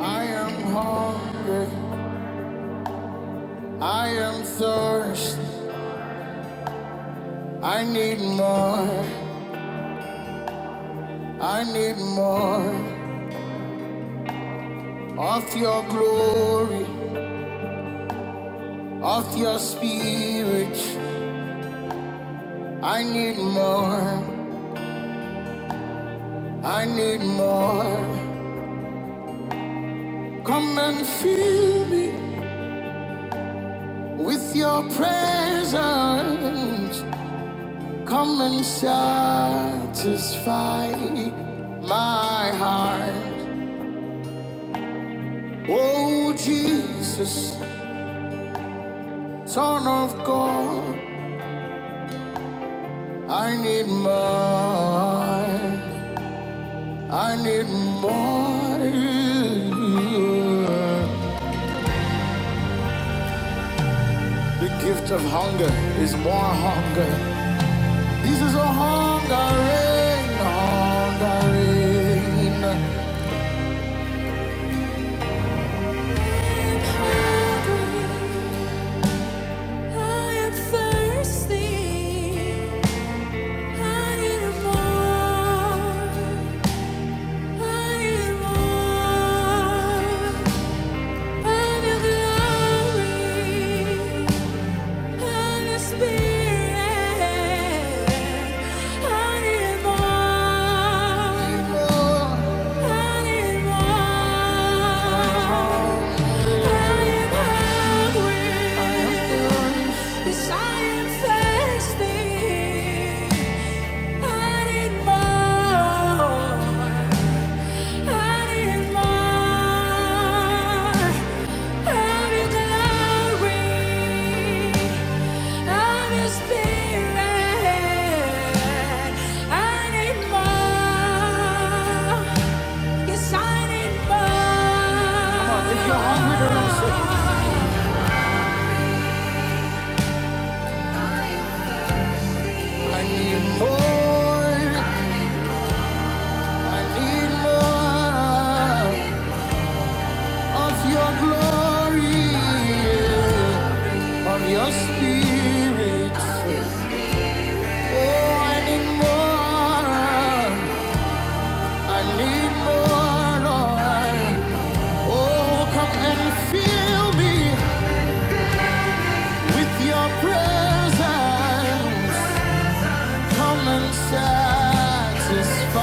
I am hungry. I am thirsty. I need more. I need more of your glory, of your spirit. I need more. I need more. Come and fill me with your presence. Come and satisfy my heart. Oh, Jesus. Son of God, I need more. I need more. The gift of hunger is more hunger. This is a hungering, hungering. I am hungry. I am thirsty. I need more. I need more. Of your glory, of your spirit, I need more. I need more. I am hungry. Yes, I am thirsty. I need more. I need more. I need more. I need more of your glory, of your spirit. Oh, I need more. I need more, Lord. Oh, come and fill me with your presence. Come and satisfy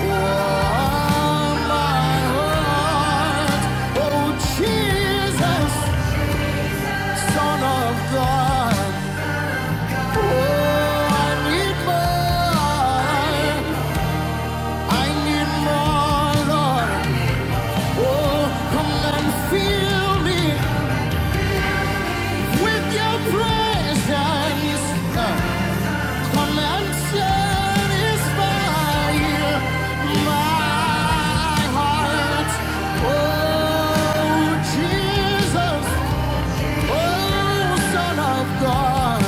all my heart. Oh, Jesus, Son of God. Oh, I need more. I need more, Lord. Oh, come and fill me. With your presence, uh, come and satisfy my heart. Oh, Jesus, oh, Son of God,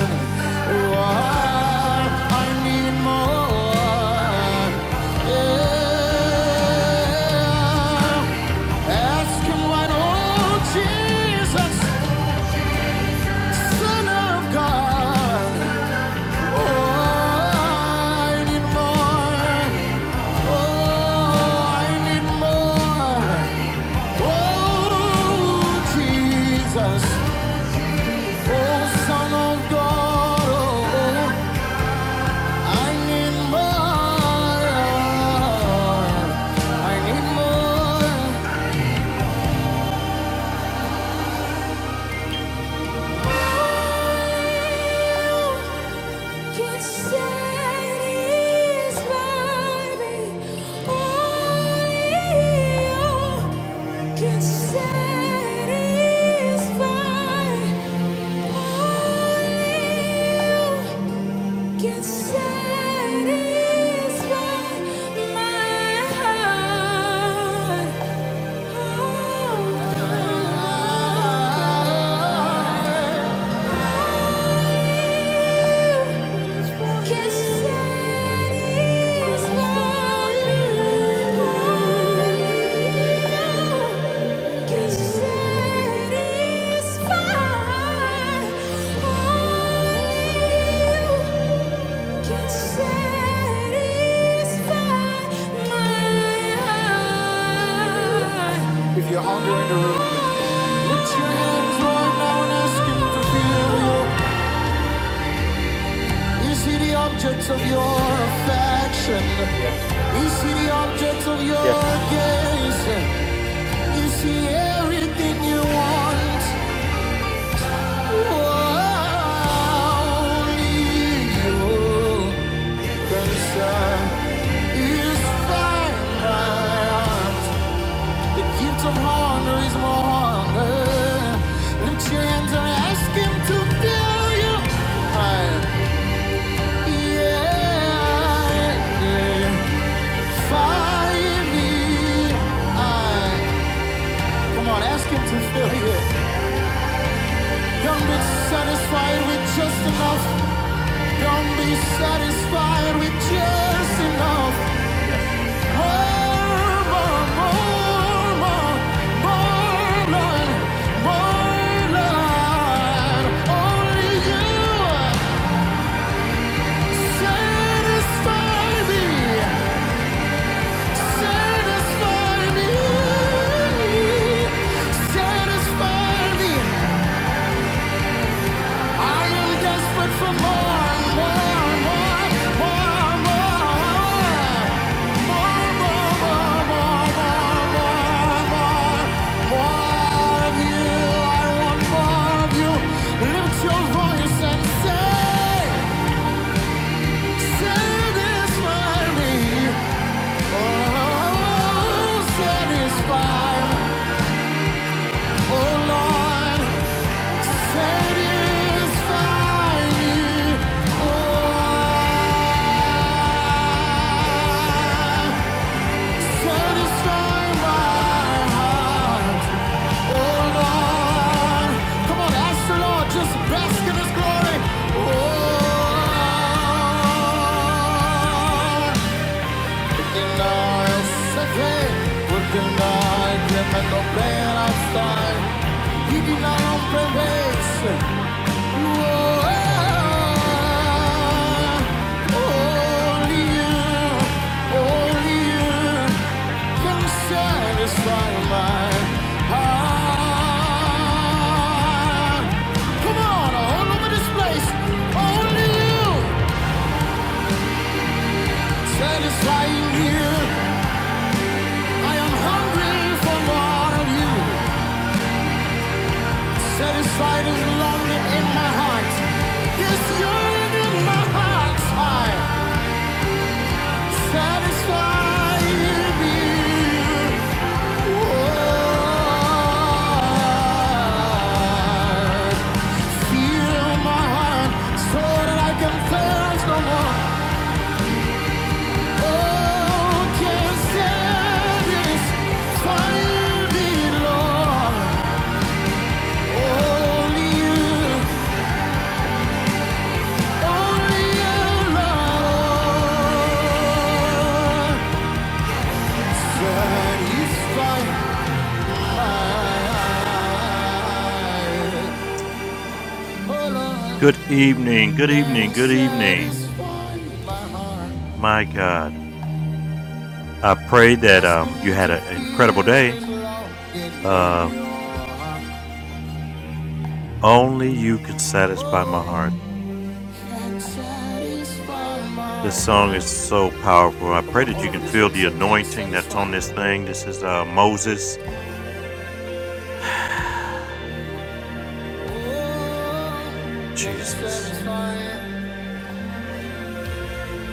oh, I need more. Yeah. Ask him oh, Jesus, Son of God. I need more. Satisfy my heart. Oh, oh, oh, oh, oh, oh. Put your hands right now and ask him to feel you. You see the objects of your affection. You see the objects of your Yes. gaze. You see everything you want. Only you can say is finite. The gift of honor is more honor. Lift your hands and ask Him to fill you. I, yeah. yeah. Fire me. I, come on, ask him to fill you. Don't be satisfied with just enough. Don't be satisfied with just enough. More, more, more, more, more, Lord, more, Lord. Only you satisfy me, satisfy me, satisfy me. I am desperate for more, more, more, more, Satisfy me, oh Satisfy my heart, oh Lord. Come on, ask the Lord, just bask in His glory. Oh, in our second, within our dream and no plan outside. He did not open ways. Satisfy my heart. Come on, all over this place. Only you satisfy here. I am hungry for more of you. Satisfy this longing in my heart. This yearning in my heart. I Satisfied.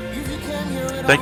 Thank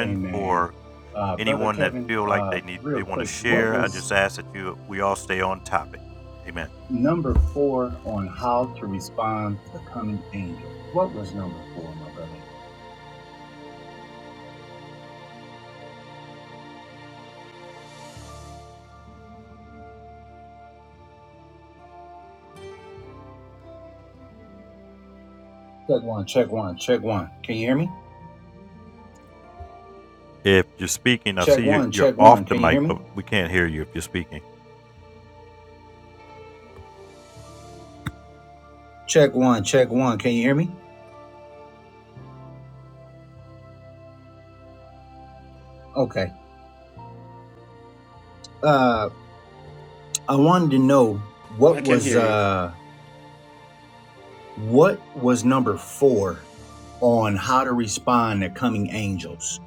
Amen. Uh, Brother Kevin, uh, real quick, what was number four on how to respond to the coming angels? What was number four, my brother? Check one, check one, check one. Can you hear me? Check one, check one. Can you hear me? Check one, check one. Can you hear me? Okay. Uh, I wanted to know I what can was hear you. uh what was number four on how to respond to coming angels.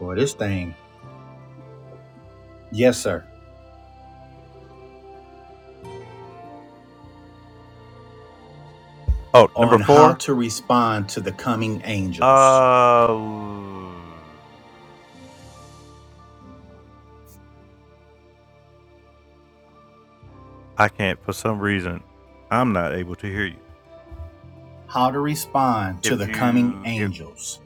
Boy, this thing. Yes, sir. on how to respond to the coming angels. How to respond to the coming angels.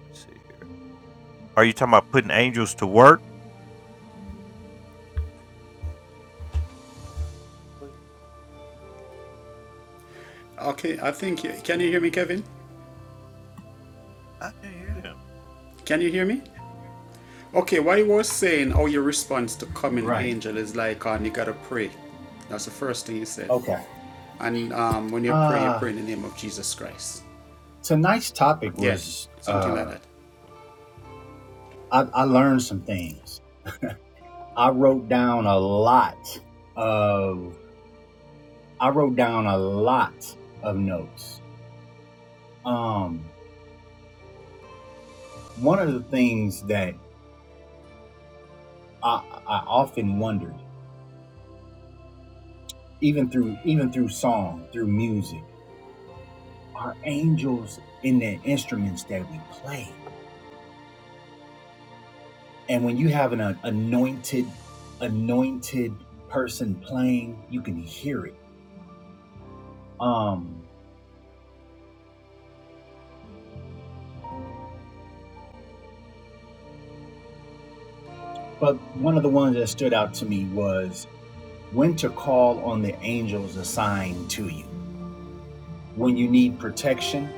Okay, I think can you hear me, Kevin? Can you hear me? Okay, what you were saying, how your response to coming Right. angel is like, um, you gotta pray. That's the first thing you said. Okay. And um, when you pray, you Uh pray in the name of Jesus Christ. tonight's topic Yeah, was something like uh that. I, I learned some things. I wrote down a lot of I wrote down a lot of notes. Um one of the things that I, I often wondered, even through even through song, through music, are angels in the instruments that we play? And when you have an uh, anointed, anointed person playing, you can hear it. Um, but one of the ones that stood out to me was when to call on the angels assigned to you. When you need protection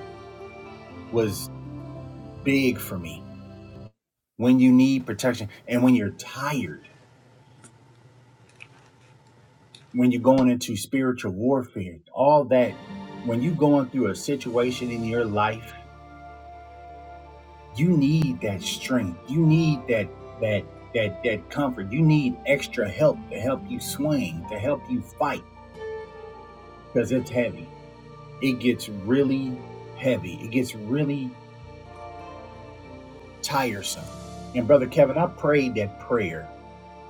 was big for me. When you need protection and when you're tired, when you're going into spiritual warfare, all that, when you're going through a situation in your life you need that strength you need that that that that comfort you need extra help to help you swing to help you fight because it's heavy it gets really heavy it gets really tiresome and brother kevin i prayed that prayer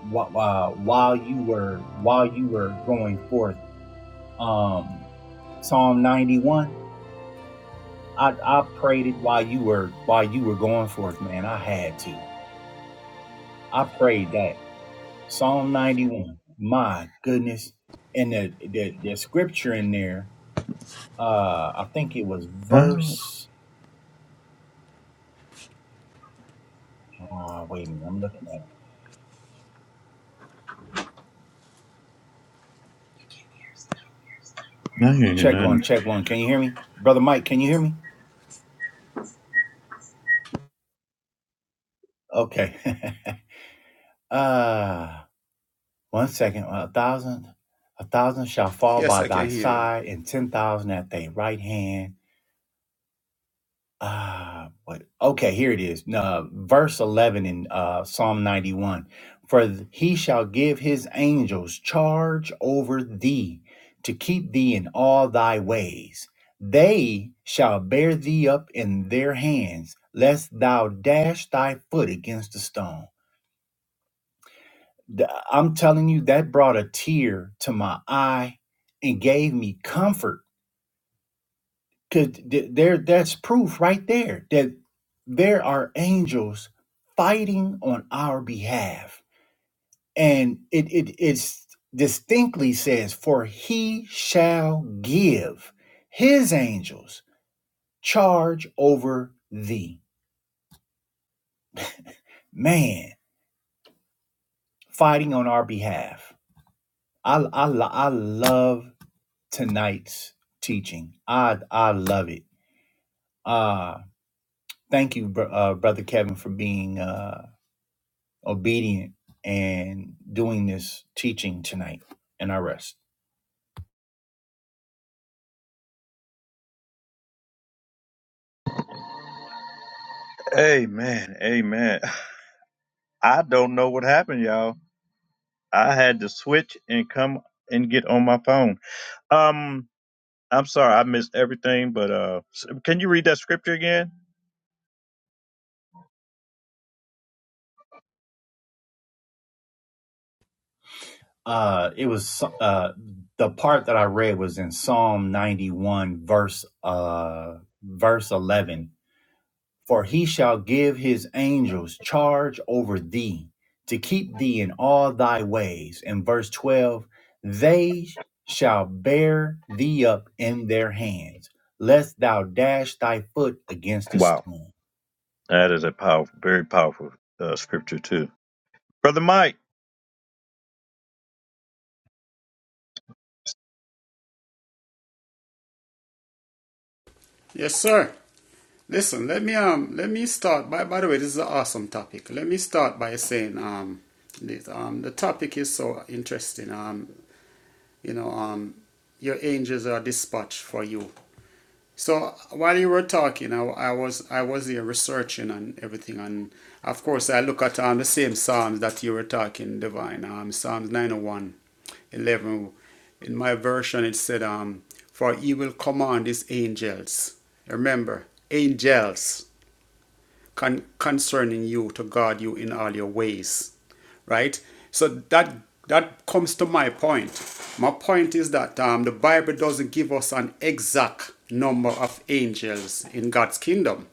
while while, while you were while you were going forth um psalm 91 i i prayed it while you were while you were going forth man i had to i prayed that Psalm 91. My goodness. And the, the, the scripture in there, uh, I think it was verse. Uh, wait a minute. I'm looking at it. Check one, check one. Can you hear me? Brother Mike, can you hear me? Okay. uh, one second. A thousand, a thousand shall fall Yes, by I can thy hear you. side, and 10,000 at thy right hand Ah, what? Okay, here it is. Uh, verse 11 in uh, Psalm 91. For th- he shall give his angels charge over thee to keep thee in all thy ways. They shall bear thee up in their hands, lest thou dash thy foot against a stone. Th- I'm telling you, that brought a tear to my eye and gave me comfort Because there, that's proof right there that there are angels fighting on our behalf, and it it it's distinctly says, "For he shall give his angels charge over thee." Man, fighting on our behalf. I I I love tonight's teaching. I I love it. Uh thank you, br- uh, brother Kevin, for being. Uh, obedient and doing this teaching tonight and I rest. Uh, it was so, uh, the part that I read was in Psalm 91 verse uh, verse 11. For he shall give his angels charge over thee to keep thee in all thy ways. In verse 12, they shall bear thee up in their hands, lest thou dash thy foot against a stone. Yes, sir. Listen, let me um, let me start. By by the way, this is an awesome topic. Let me start by saying um, this, um, the topic is so interesting. Um, you know um, your angels are dispatched for you. So while you were talking, I, I was I was here researching and everything, and of course I look at um, the same psalms that you were talking, divine. Um, Psalms 901, 11. In my version, it said, um, "For he will command his angels." Remember, angels con- concerning you to guard you in all your ways right so that that comes to my point my point is that um, the bible doesn't give us an exact number of angels in god's kingdom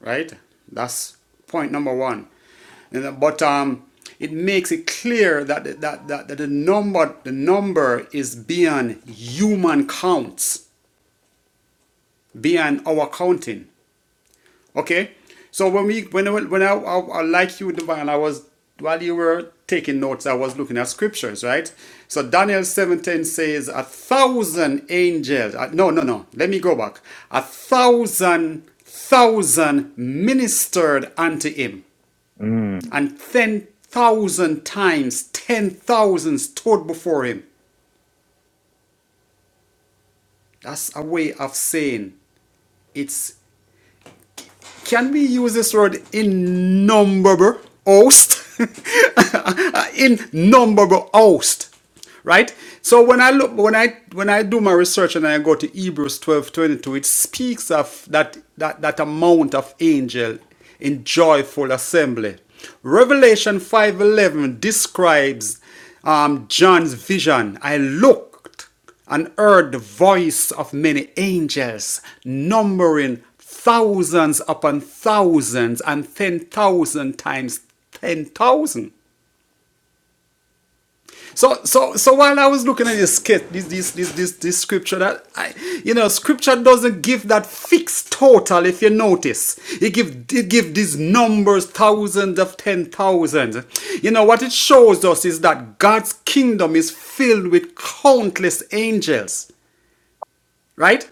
right that's point number one and, uh, but um, it makes it clear that, that, that, that the number the number is beyond human counts beyond our counting Okay. So when we when when I, I, I like you, Divine, I was while you were taking notes, I was looking at scriptures, right? So Daniel seven ten says a thousand angels. uh, no, no, no. Let me go back. A thousand thousand ministered unto him, and ten thousand times ten thousand stood before him. That's a way of saying it's Can we use this word innumerable host? innumerable host. Right? So when I look when I when I do my research and I go to Hebrews 12 22, it speaks of that that, that amount of angel in joyful assembly. Revelation 5:11 describes um, John's vision. I looked and heard the voice of many angels, numbering thousands upon thousands and ten thousand times ten thousand. So, so, so while I was looking at this skit, this, this, this, this, this scripture, that I, you know, scripture doesn't give that fixed total. If you notice, it give it give these numbers, thousands of ten thousand. You know what it shows us is that God's kingdom is filled with countless angels, right?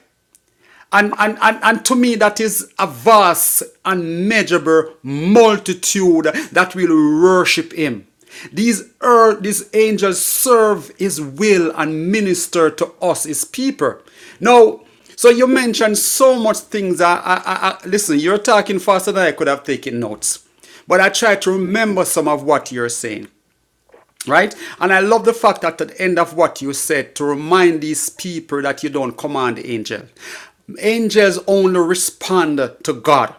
And, and, and, and to me, that is a vast, unmeasurable multitude that will worship him. These earth, these angels serve his will and minister to us, his people. Now, so you mentioned so much things. I, I, I, I- listen, you're talking faster than I could have taken notes. But I try to remember some of what you're saying. Right? And I love the fact that at the end of what you said, to remind these people that you don't command angels. Angels only respond to God.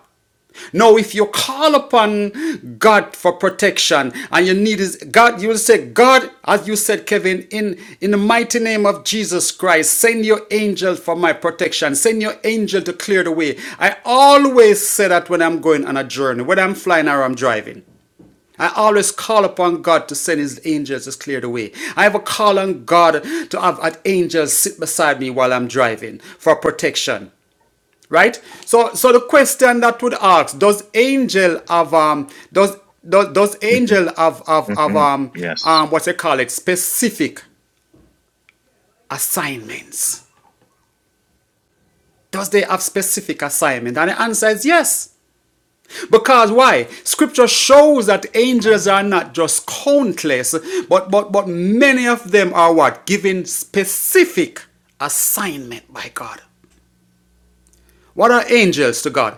Now, if you call upon God for protection and you need His God, you will say, God, as you said, Kevin, in, in the mighty name of Jesus Christ, send your angel for my protection. Send your angel to clear the way. I always say that when I'm going on a journey, whether I'm flying or I'm driving. I always call upon God to send his angels to clear the way. I have a call on God to have an angel sit beside me while I'm driving for protection. Right? So so the question that would ask, does angel have um does does, does angel have, have, have um um what they call it specific assignments? Does they have specific assignment? And the answer is yes. Because why? Scripture shows that angels are not just countless, but but but many of them are what? Given specific assignment by God. What are angels to God?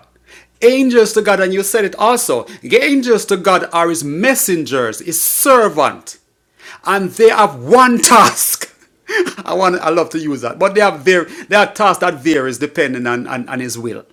Angels to God, and you said it also. Angels to God are his messengers, his servant. And they have one task. I want I love to use that. But they have their their task that varies depending on, on, on his will.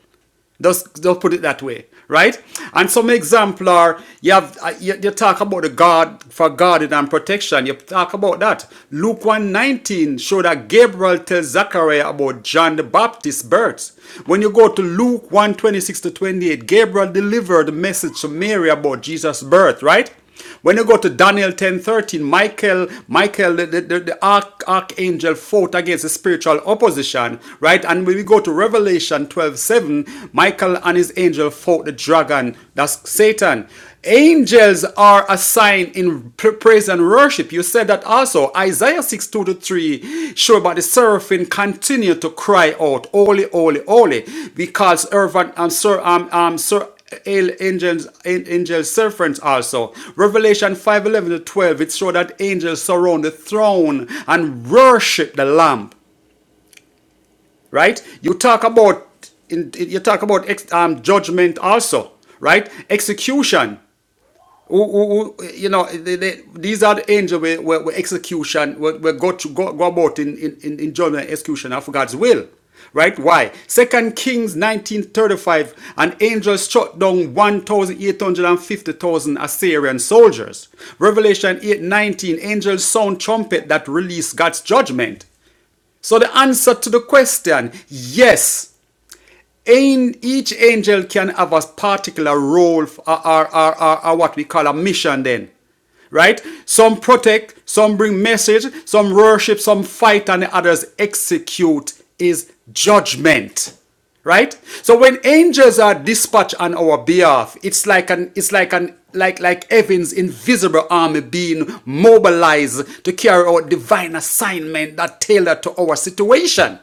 Let's, let put it that way, right? And some example are you have uh, you, you talk about the God for guarding and protection. You talk about that. Luke 119 show that Gabriel tells Zachariah about John the Baptist's birth. When you go to Luke 126 to 28, Gabriel delivered the message to Mary about Jesus' birth, right? When you go to Daniel 10 13, Michael, Michael, the, the, the, arch, archangel fought against the spiritual opposition, right? And when we go to Revelation 12 7, Michael and his angel fought the dragon, that's Satan. Angels are a sign in praise and worship. You said that also. Isaiah 6 2 to 3, sure, but the seraphim continue to cry out, Holy, holy, holy, because Irvan, um, sir, um, um, sir, angels, angels, servants also. Revelation 5, 11 to 12, it shows that angels surround the throne and worship the Lamb, right? You talk about, in, you talk about ex, um, judgment also, right? Execution who, who, who you know, they, they, these are the angels where, where, where execution, where, where God to go, go about in, in, in, judgment and execution of God's will. Right? Why? Second Kings 1935, an angel struck down 1,850,000 Assyrian soldiers. Revelation 8:19, angels sound trumpet that release God's judgment. So the answer to the question, yes, each angel can have a particular role or, or, or, or- or what we call a mission then. Right? Some protect, some bring message, some worship, some fight, and the others execute is judgment. Right? So when angels are dispatched on our behalf, it's like an it's like an like like heaven's invisible army being mobilized to carry out divine assignment that tailored to our situation.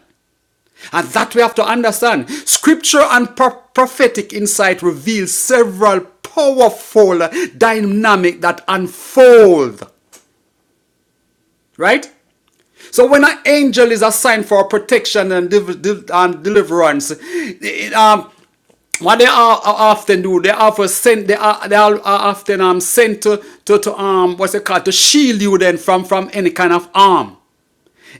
And that we have to understand. Scripture and pro- prophetic insight reveal several powerful dynamic that unfold, right? So when an angel is assigned for protection and, div- div- and deliverance, it, um, what they are, are often do, they often for sent, they are they are, are often um sent to, to to um what's it called to shield you then from from any kind of harm,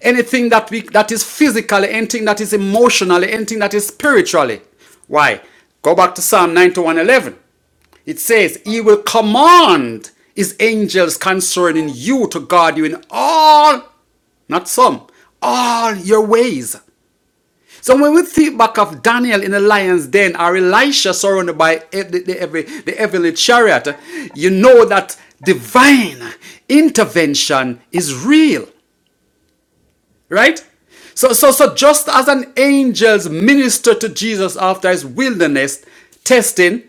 anything that we that is physically, anything that is emotionally, anything that is spiritually. Why? Go back to Psalm 91 11. It says, He will command His angels concerning you to guard you in all, not some, all your ways. So when we think back of Daniel in the lion's den or Elisha surrounded by e- the, the heaven- the heavenly chariot, you know that divine intervention is real, right? So, so, so just as an angel's minister to Jesus after his wilderness testing,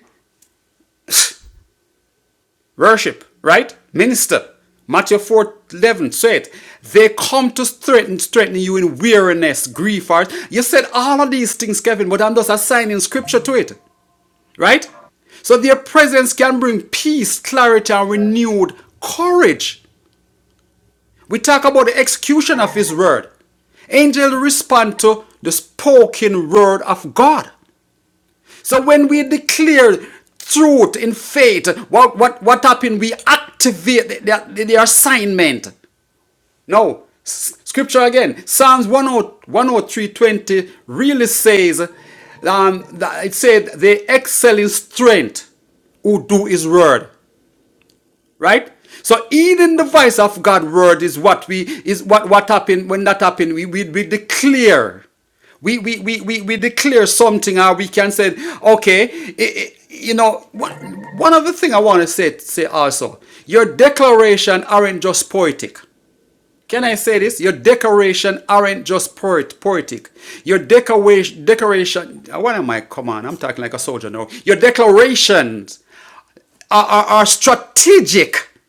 worship, right? Minister. Matthew 4:11 said, They come to threaten, threaten you in weariness, grief, heart. You said all of these things, Kevin, but I'm just assigning scripture to it, right? So their presence can bring peace, clarity, and renewed courage. We talk about the execution of His word. Angels respond to the spoken word of God. So when we declare truth in faith, what what what happened? We activate their, their assignment. No. Scripture again, Psalms 103 really says, um, that- it said, they excel in strength who do his word right so even the voice of god word is what we is what what happened when that happened we we, we declare we we, we we we declare something or we can say okay i- i- you know one, one other thing i want to say say also your declaration aren't just poetic can I say this? Your declaration aren't just poet, poetic. Your decoration, decoration. What am I? Come on, I'm talking like a soldier now. Your declarations are, are, are strategic.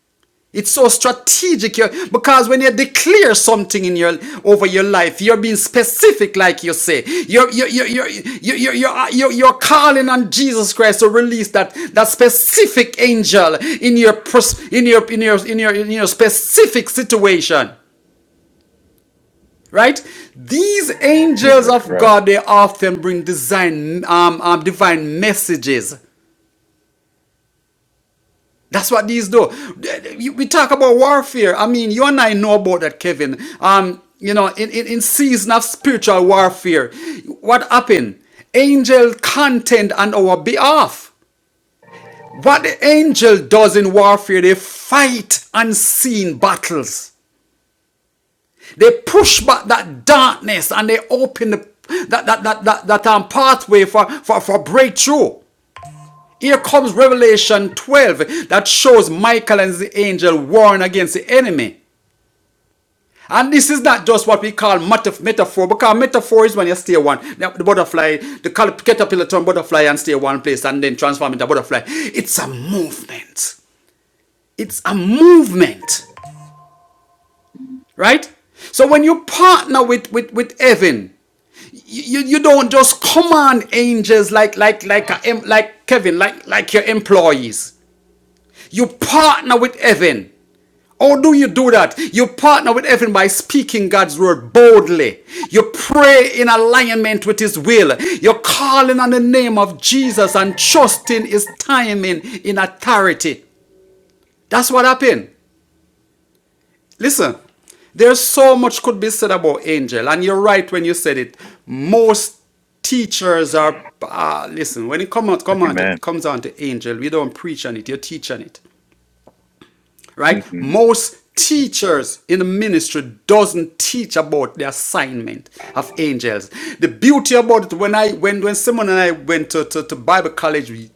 It's so strategic because when you declare something in your over your life, you're being specific, like you say. You're you're you're you're you're you're, you're, uh, you're you're calling on Jesus Christ to release that that specific angel in your pers- in your in your in your in your specific situation. Right? These angels of God they often bring design um, um divine messages That's what these do. We talk about warfare. I mean, you and I know about that, Kevin. Um, you know, in, in, in season of spiritual warfare, what happened? Angel contend on our behalf. What the angel does in warfare, they fight unseen battles. They push back that darkness and they open the, that, that, that, that, that um, pathway for, for, for breakthrough. Here comes Revelation 12 that shows Michael and the angel warring against the enemy. And this is not just what we call metaphor, because metaphor is when you stay one, the butterfly, the caterpillar turn butterfly and stay one place and then transform into butterfly. It's a movement. It's a movement, right? So when you partner with, with, with heaven, you, you don't just command angels like like like a, like Kevin like like your employees. You partner with heaven. How do you do that? You partner with heaven by speaking God's word boldly. You pray in alignment with His will. You're calling on the name of Jesus and trusting His timing in authority. That's what happened. Listen, there's so much could be said about angel, and you're right when you said it. Most teachers are. ah, listen, when it comes out, come on to, comes down to angel, we don't preach on it, you're teaching it. right most teachers in the ministry doesn't teach about the assignment of angels the beauty about it when i when when simon and i went to, to, to bible college we,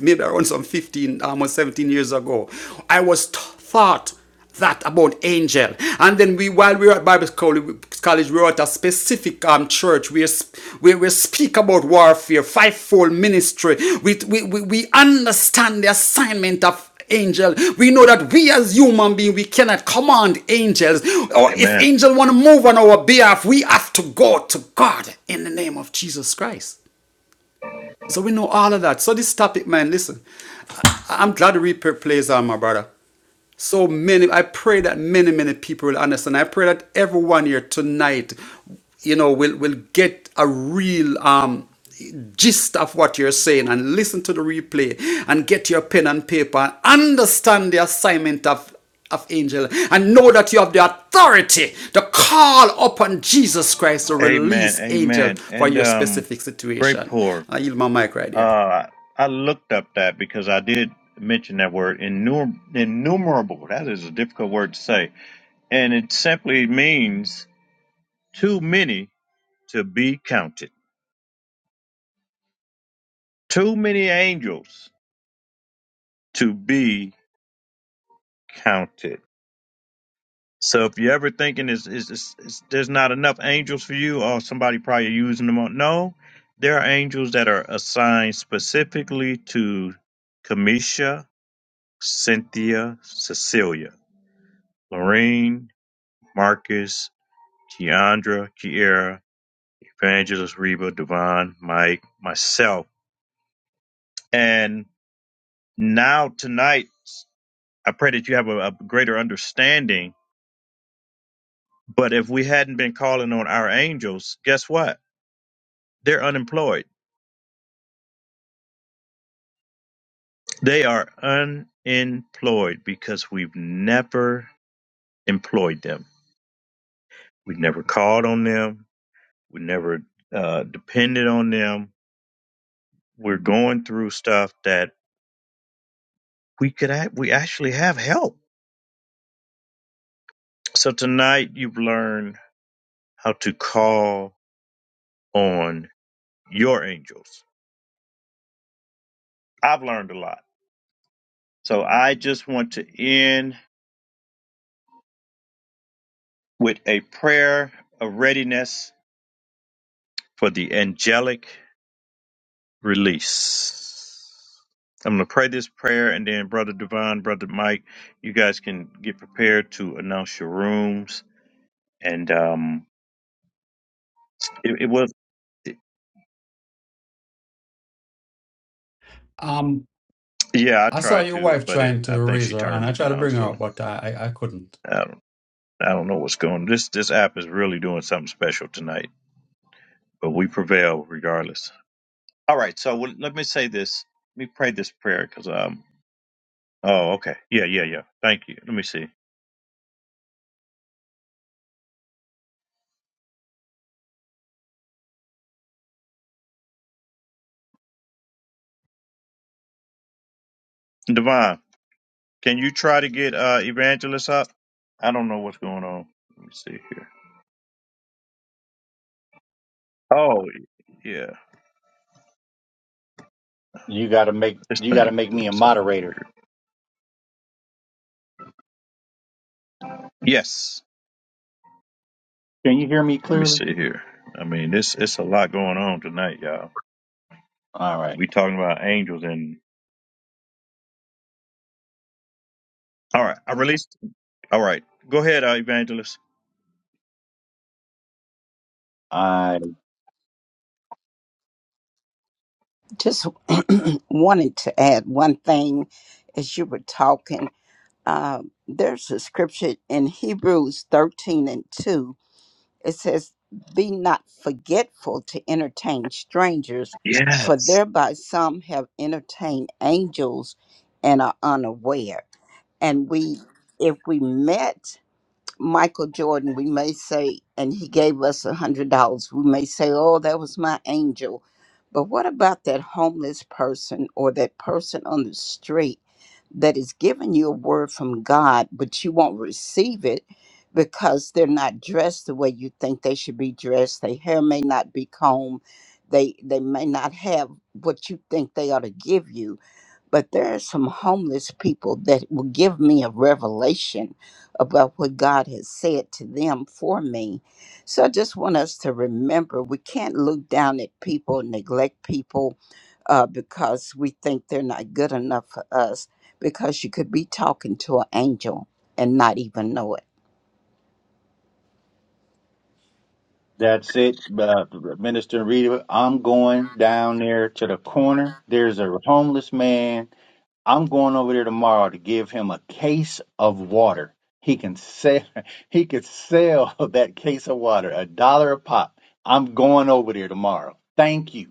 maybe around some 15 almost 17 years ago i was taught that about angel and then we while we were at bible college, we were at a specific um church we we, we speak about warfare fivefold ministry we, we we we understand the assignment of angel we know that we as human beings we cannot command angels or if angels want to move on our behalf we have to go to god in the name of jesus christ so we know all of that so this topic man listen I- am glad the replay plays on my brother so many, I pray that many, many people will understand. I pray that everyone here tonight, you know, will, will get a real um, gist of what you're saying and listen to the replay and get your pen and paper and understand the assignment of of angel and know that you have the authority to call upon Jesus Christ to release angel for your specific situation. I yield my mic right here. Um, I saw your wife trying to raise her and I tried to bring her up, but I, I, I couldn't. You gotta make you gotta make me a moderator. Can you hear me clearly? All right. Uh, Just wanted to add one thing as you were talking. Uh, there's a scripture in Hebrews 13 and 2. It says, Be not forgetful to entertain strangers, for thereby some have entertained angels and are unaware. And we, if we met Michael Jordan, we may say, and he gave us a hundred dollars. We may say, "Oh, that was my angel," but what about that homeless person or that person on the street that is giving you a word from God, but you won't receive it because they're not dressed the way you think they should be dressed. Their hair may not be combed. They they may not have what you think they ought to give you but there are some homeless people that will give me a revelation about what God has said to them for me. So I just want us to remember we can't look down at people, neglect people uh, because we think they're not good enough for us, because you could be talking to an angel and not even know it. that's it, uh, Minister Rita. I'm going down there to the corner. There's a homeless man. I'm going over there tomorrow to give him a case of water. He can sell. He could sell that case of water a dollar a pop. I'm going over there tomorrow. Thank you.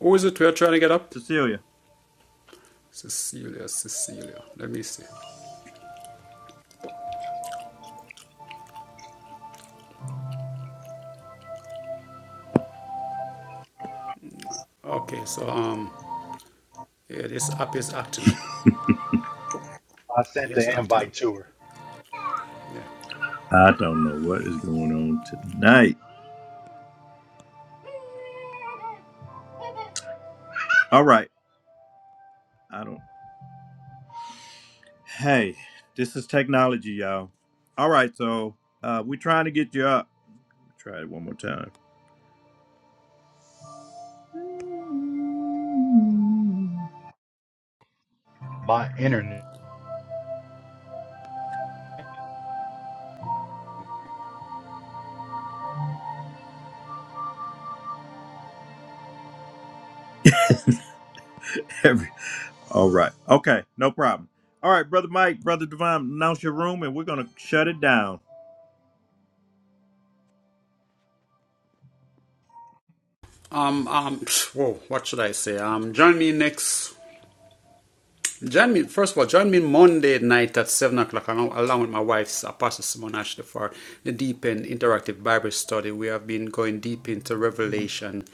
Who is it we're trying to get up? Cecilia, Cecilia. Let me see. Okay, so um, yeah, this app is acting up. I sent Yeah, it's the acting up. invite to her. Yeah. Um, um, whoa, what should I say? Um, join me next Join me, first of all, join me Monday night at 7 o'clock along, along with my wife, Apostle Simone Ashley, for the Deep End Interactive Bible Study. We have been going deep into Revelation,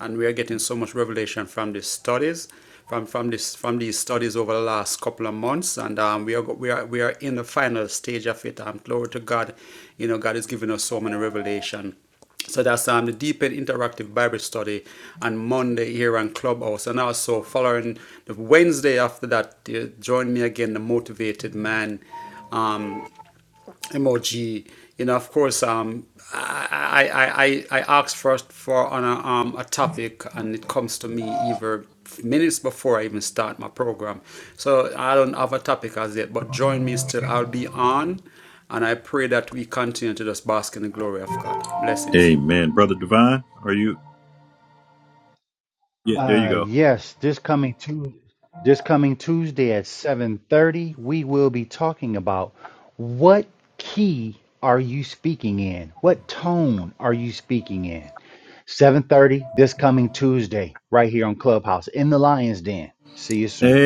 and we are getting so much revelation from these studies, from from this from these studies over the last couple of months, and um, we are we are we are in the final stage of it. Um, glory to God, you know, God is giving us so many revelation so that's um, the Deep End Interactive Bible Study on Monday here on Clubhouse. And also following the Wednesday after that, uh, join me again, the Motivated Man um, emoji. You know, of course, um, I, I, I, I asked first for on a, um, a topic and it comes to me either minutes before I even start my program. So I don't have a topic as yet, but join me still. I'll be on and I pray that we continue to just bask in the glory of God. Blessings. Uh, yes, this coming Tuesday, this coming Tuesday at 7:30, we will be talking about what key are you speaking in? What tone are you speaking in? 7:30 this coming Tuesday right here on Clubhouse in the Lions Den. See you soon.